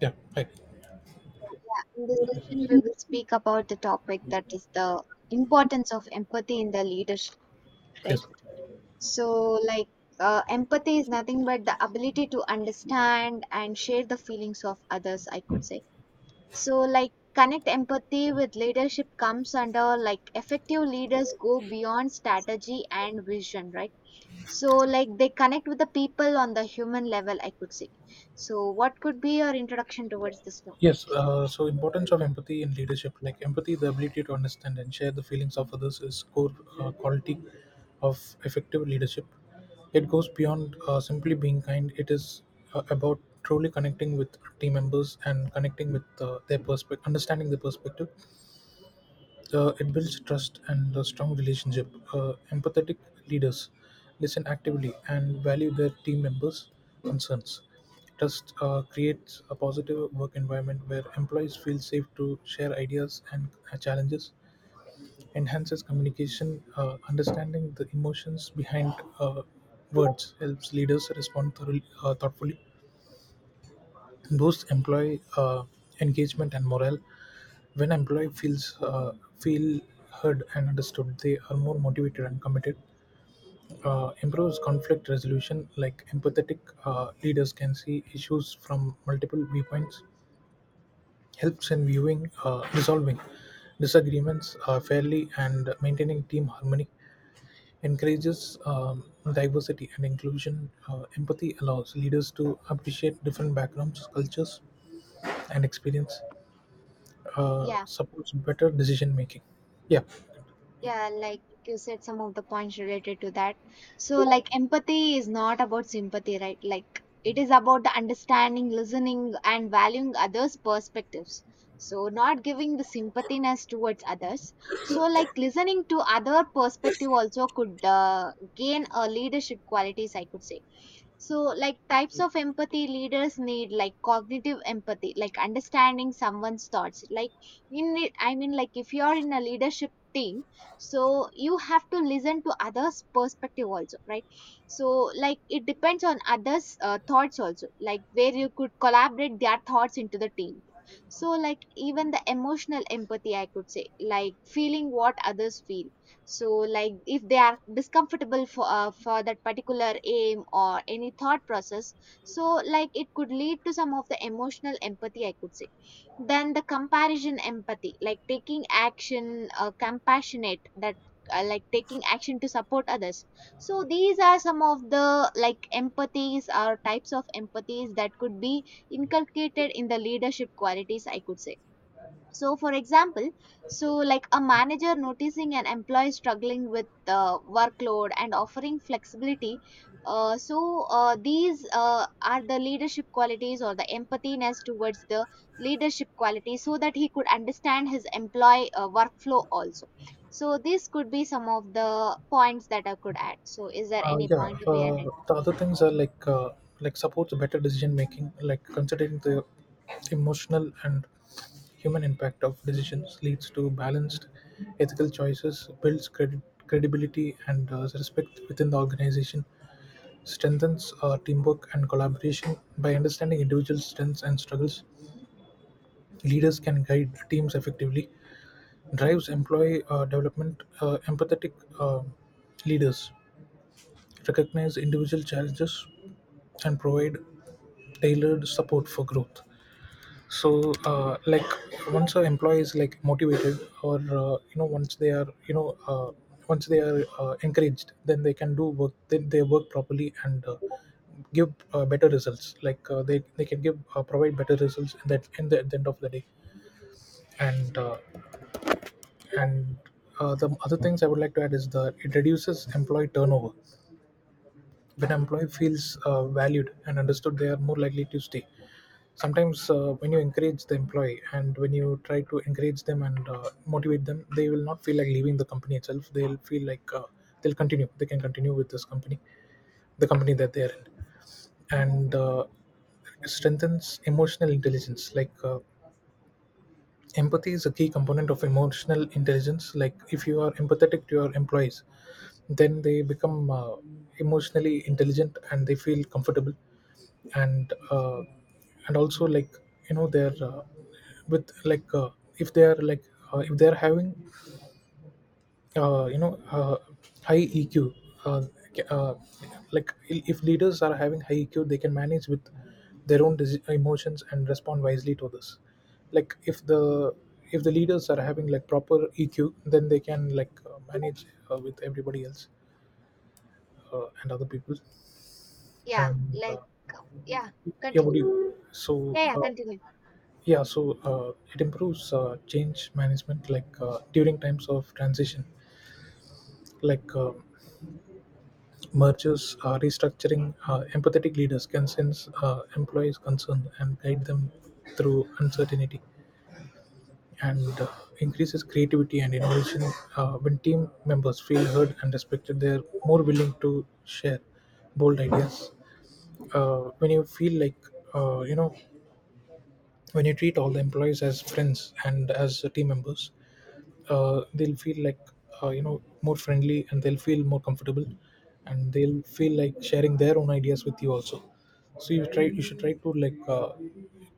Yeah, hi. Yeah, in this section, we will speak about the topic that is the importance of empathy in the leadership, Yes, right? So, like, empathy is nothing but the ability to understand and share the feelings of others, I could say. So, like, connect empathy with leadership comes under like effective leaders go beyond strategy and vision, right? So, like, they connect with the people on the human level, I could say. So, what could be your introduction towards this topic? yes. Importance of empathy in leadership, like empathy, the ability to understand and share the feelings of others, is core quality of effective leadership. It goes beyond simply being kind. It is about truly connecting with team members and connecting with their perspective, understanding their perspective. It builds trust and a strong relationship. Empathetic leaders listen actively and value their team members' concerns. Trust creates a positive work environment where employees feel safe to share ideas and challenges. Enhances communication, understanding the emotions behind uh, words helps leaders respond thoughtfully. Boosts employee engagement and morale. When employee feels feel heard and understood, they are more motivated and committed. Improves conflict resolution, like empathetic leaders can see issues from multiple viewpoints. Helps in resolving disagreements fairly, and maintaining team harmony. Encourages diversity and inclusion. Empathy allows leaders to appreciate different backgrounds, cultures, and experience. Uh, Yeah. supports better decision making. Yeah. Yeah, like you said, some of the points related to that. So, like, empathy is not about sympathy, right? Like, it is about the understanding, listening, and valuing others' perspectives. So, not giving the sympathiness towards others. So, like, listening to other perspective also could gain a leadership qualities, I could say. So, like types of empathy leaders need, like cognitive empathy, like understanding someone's thoughts. Like I mean, like if you're in a leadership team, so you have to listen to others perspective also, right? So like it depends on others thoughts also, like where you could collaborate their thoughts into the team. So like even the emotional empathy, I could say, like feeling what others feel. So like if they are discomfortable for that particular aim or any thought process, so like it could lead to some of the emotional empathy, I could say. Then the comparison empathy, like taking action, compassionate, that like taking action to support others. So these are some of the like empathies or types of empathies that could be inculcated in the leadership qualities, I could say. So for example, so like a manager noticing an employee struggling with workload and offering flexibility. So these are the leadership qualities or the empathiness towards the leadership quality, so that he could understand his employee workflow also. So this could be some of the points that I could add. So is there any Yeah, point to be added? the other things are like supports better decision making, like considering the emotional and human impact of decisions leads to balanced ethical choices, builds credit credibility and respect within the organization, strengthens teamwork and collaboration by understanding individual strengths and struggles. Leaders can guide teams effectively, drives employee development. Empathetic uh, Leaders recognize individual challenges and provide tailored support for growth. So like, once an employee is like motivated, or once they are, once they are encouraged, then they can do work. Then they work properly and give better results. Like they can give provide better results in that in the, at the end of the day. And uh, and uh, the other things I would like to add is that it reduces employee turnover. When an employee feels valued and understood, they are more likely to stay. Sometimes when you encourage the employee and when you try to encourage them and motivate them, they will not feel like leaving the company itself. They'll feel like they can continue with this company the company that they're in, and strengthens emotional intelligence. Empathy is a key component of emotional intelligence. Like if you are empathetic to your employees, then they become emotionally intelligent and they feel comfortable, and uh, and also like you know they're with like if they are like if they are having, uh, you know uh, high EQ. uh, uh, like if leaders are having high EQ, they can manage with their own emotions and respond wisely to this. Like if the leaders are having like proper EQ, then they can manage with everybody else, and other people. Yeah, And like yeah, yeah what continue. do you so Yeah, yeah, continue. Yeah, so it improves change management. Like during times of transition, like mergers, restructuring. Empathetic leaders can sense employees' concern and guide them through uncertainty, and increases creativity and innovation. When team members feel heard and respected, they are more willing to share bold ideas. When you feel like, uh, you know, when you treat all the employees as friends and as team members, they'll feel like, you know, more friendly, and they'll feel more comfortable, and they'll feel like sharing their own ideas with you also. So you should try to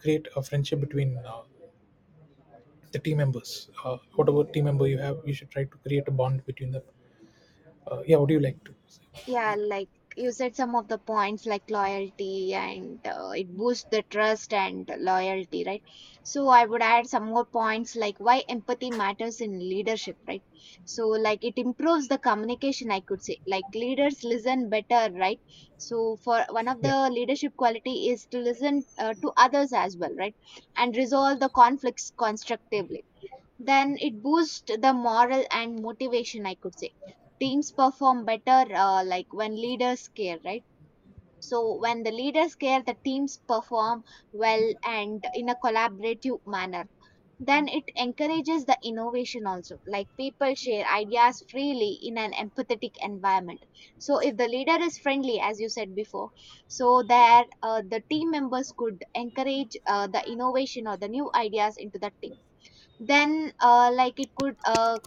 create a friendship between the team members. Whatever team member you have, you should try to create a bond between them. Yeah, what do you like to say? Yeah, like you said some of the points like loyalty and it boosts the trust and loyalty, right? So I would add some more points like why empathy matters in leadership, right? So like it improves the communication, I could say, like leaders listen better, right? So for one of Yeah, the leadership quality is to listen to others as well, right? And resolve the conflicts constructively. Then it boosts the moral and motivation, I could say. Teams perform better, like when leaders care, right? So when the leaders care, the teams perform well and in a collaborative manner. Then it encourages the innovation also, like people share ideas freely in an empathetic environment. So if the leader is friendly, as you said before, so there the team members could encourage the innovation or the new ideas into the team. Then like it could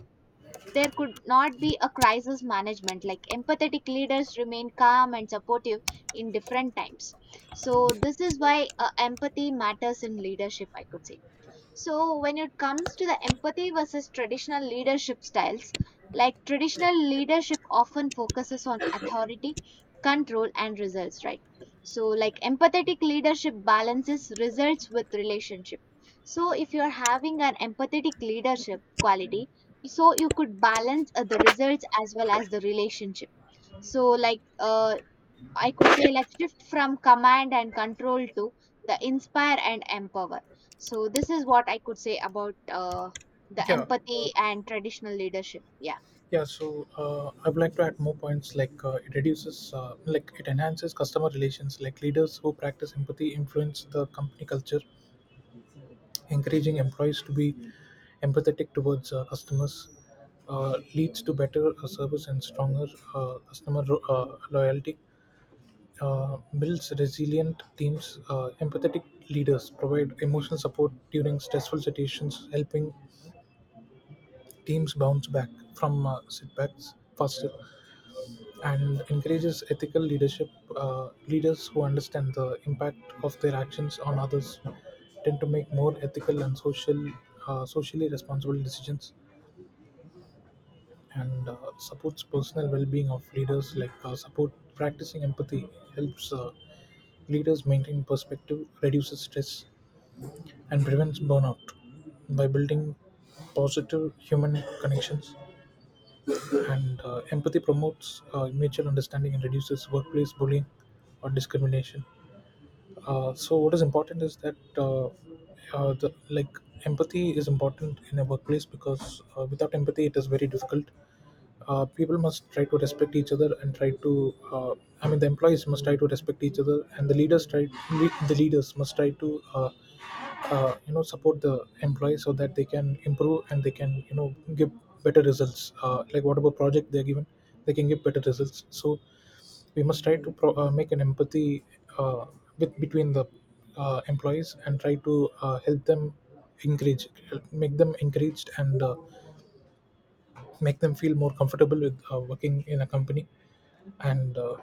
there could not be a crisis management, like empathetic leaders remain calm and supportive in different times. So this is why empathy matters in leadership, I could say. So, when it comes to the empathy versus traditional leadership styles, like traditional leadership often focuses on authority, control, and results, right? So, like empathetic leadership balances results with relationship. So, if you're having an empathetic leadership quality, so you could balance the results as well as the relationship. So, like, I could say like shift from command and control to the inspire and empower. So this is what I could say about the yeah. uh, empathy and traditional leadership. Yeah. yeah so I would like to add more points. It reduces it enhances customer relations. Like leaders who practice empathy influence the company culture. Encouraging employees to be empathetic towards customers leads to better service and stronger loyalty. Builds resilient teams. Empathetic leaders provide emotional support during stressful situations, helping teams bounce back from setbacks faster, and encourages ethical leadership. Leaders who understand the impact of their actions on others tend to make more socially responsible decisions, and supports personal well-being of leaders. Like support Practicing empathy helps leaders maintain perspective, reduces stress, and prevents burnout by building positive human connections. And empathy promotes mutual understanding and reduces workplace bullying or discrimination. What is important is that, the, like empathy is important in a workplace, because without empathy it is very difficult. Uh, people must try to respect each other and try to I mean The employees must try to respect each other, and the leaders must try to, you know, support the employees so that they can improve and they can, you know, give better results, like whatever project they're given, they can give better results. So we must try to make an empathy, uh, with, between the, employees, and try to help them, encourage, make them encouraged, and make them feel more comfortable with working in a company, and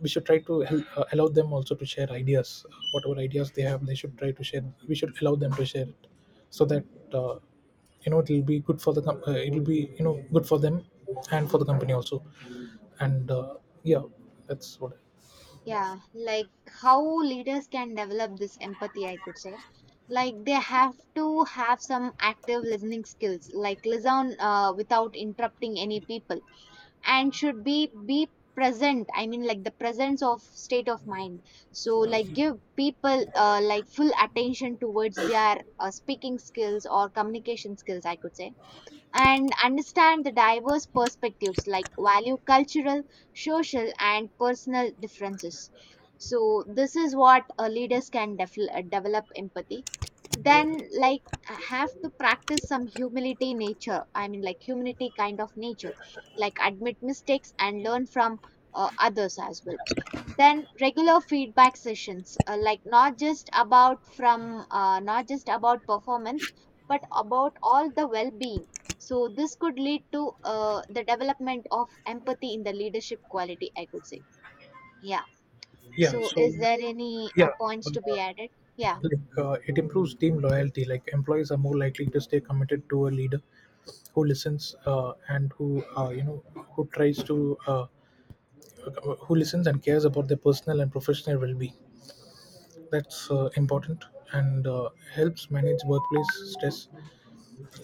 we should try to help, allow them also to share ideas. Whatever ideas they have, they should try to share. We should allow them to share it, so that, uh, you know, it will be good for the, it will be, you know, good for them and for the company also. And Yeah, that's what. Yeah, like how leaders can develop this empathy, I could say. Like they have to have some active listening skills, like listen without interrupting any people and should be present. I mean, like the presence of state of mind. So like give people like full attention towards their speaking skills or communication skills, I could say. And understand the diverse perspectives, like value cultural, social, and personal differences. So, this is what leaders can develop empathy. Then, like, have to practice some humility nature. I mean, like, humility kind of nature, like, admit mistakes and learn from others as well. Then regular feedback sessions, like not just about from not just about performance, but about all the well-being. So this could lead to the development of empathy in the leadership quality, I could say. Yeah. Yeah, So so, is there any yeah. Uh, points to be added? Yeah. It improves team loyalty. Like employees are more likely to stay committed to a leader who listens and who, you know who tries to who listens and cares about their personal and professional well-being. That's important. And helps manage workplace stress.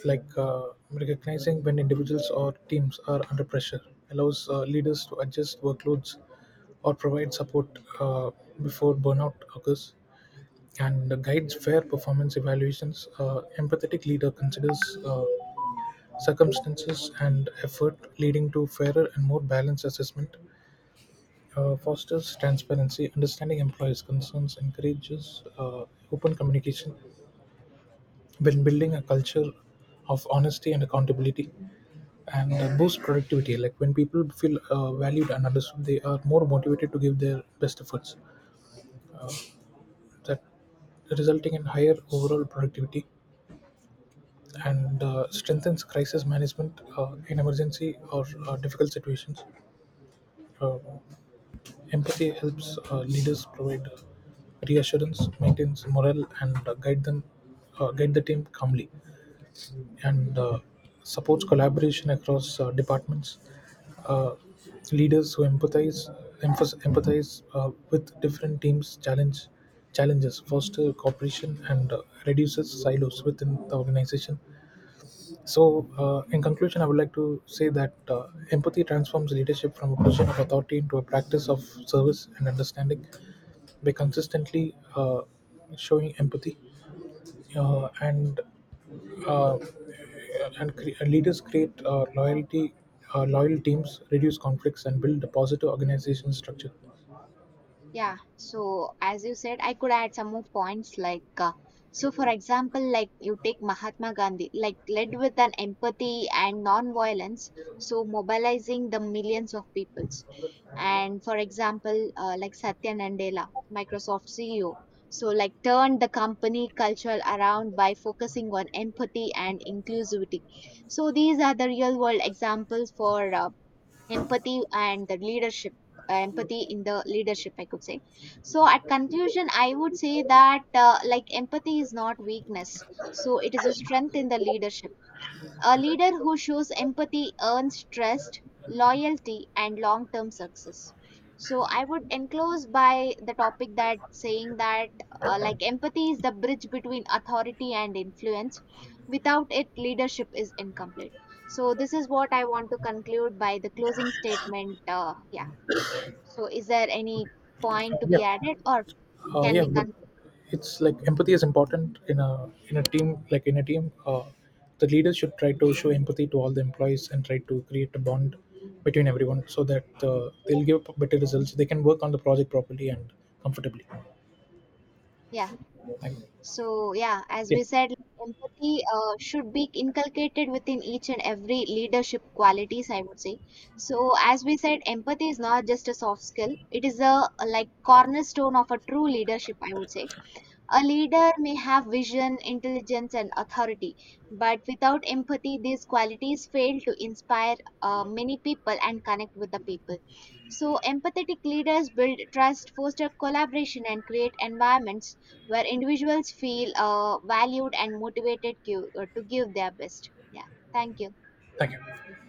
Like recognizing when individuals or teams are under pressure allows leaders to adjust workloads or provide support uh, before burnout occurs, and guides fair performance evaluations. Empathetic leader considers circumstances and effort, leading to fairer and more balanced assessment. Fosters transparency. Understanding employees' concerns encourages open communication, when building a culture of honesty and accountability, and boosts productivity. Like when people feel valued and understood, they are more motivated to give their best efforts. That resulting in higher overall productivity, and strengthens crisis management in emergency or difficult situations. Uh, Empathy helps leaders provide reassurance, maintains morale, and guide the team calmly, and supports collaboration across departments. Uh, leaders who empathize with different teams challenge challenges, foster cooperation, and reduces silos within the organization. So, in conclusion, I would like to say that empathy transforms leadership from a position of authority into a practice of service and understanding. By consistently showing empathy, uh, and uh, leaders create loyalty. Loyal teams reduce conflicts and build a positive organization structure. Yeah, so as you said, I could add some more points like so for example, like you take Mahatma Gandhi, like led with an empathy and non-violence, so mobilizing the millions of peoples. And for example, like Satya Nadella, Microsoft CEO, so like turned the company culture around by focusing on empathy and inclusivity. So these are the real world examples for empathy and the leadership, empathy in the leadership, I could say. So at conclusion I would say that like empathy is not weakness, so it is a strength in the leadership. A leader who shows empathy earns trust, loyalty, and long term success. So, I would enclose by the topic that saying that like empathy is the bridge between authority and influence. Without it, leadership is incomplete. So, this is what I want to conclude by the closing statement. Yeah. So, is there any uh, point to be yeah added or can yeah, we? but Con- it's like empathy is important in a, in a team like in a team, the leaders should try to show empathy to all the employees and try to create a bond between everyone, so that they'll give better results. They can work on the project properly and comfortably. yeah. Thank you. So, yeah, as Yeah. we said, like, empathy should be inculcated within each and every leadership qualities, I would say. So, as we said, empathy is not just a soft skill, it is a like cornerstone of a true leadership, I would say. A leader may have vision, intelligence, and authority, but without empathy, these qualities fail to inspire many people and connect with the people. So, empathetic leaders build trust, foster collaboration, and create environments where individuals feel valued and motivated to give their best. Yeah, thank you. Thank you.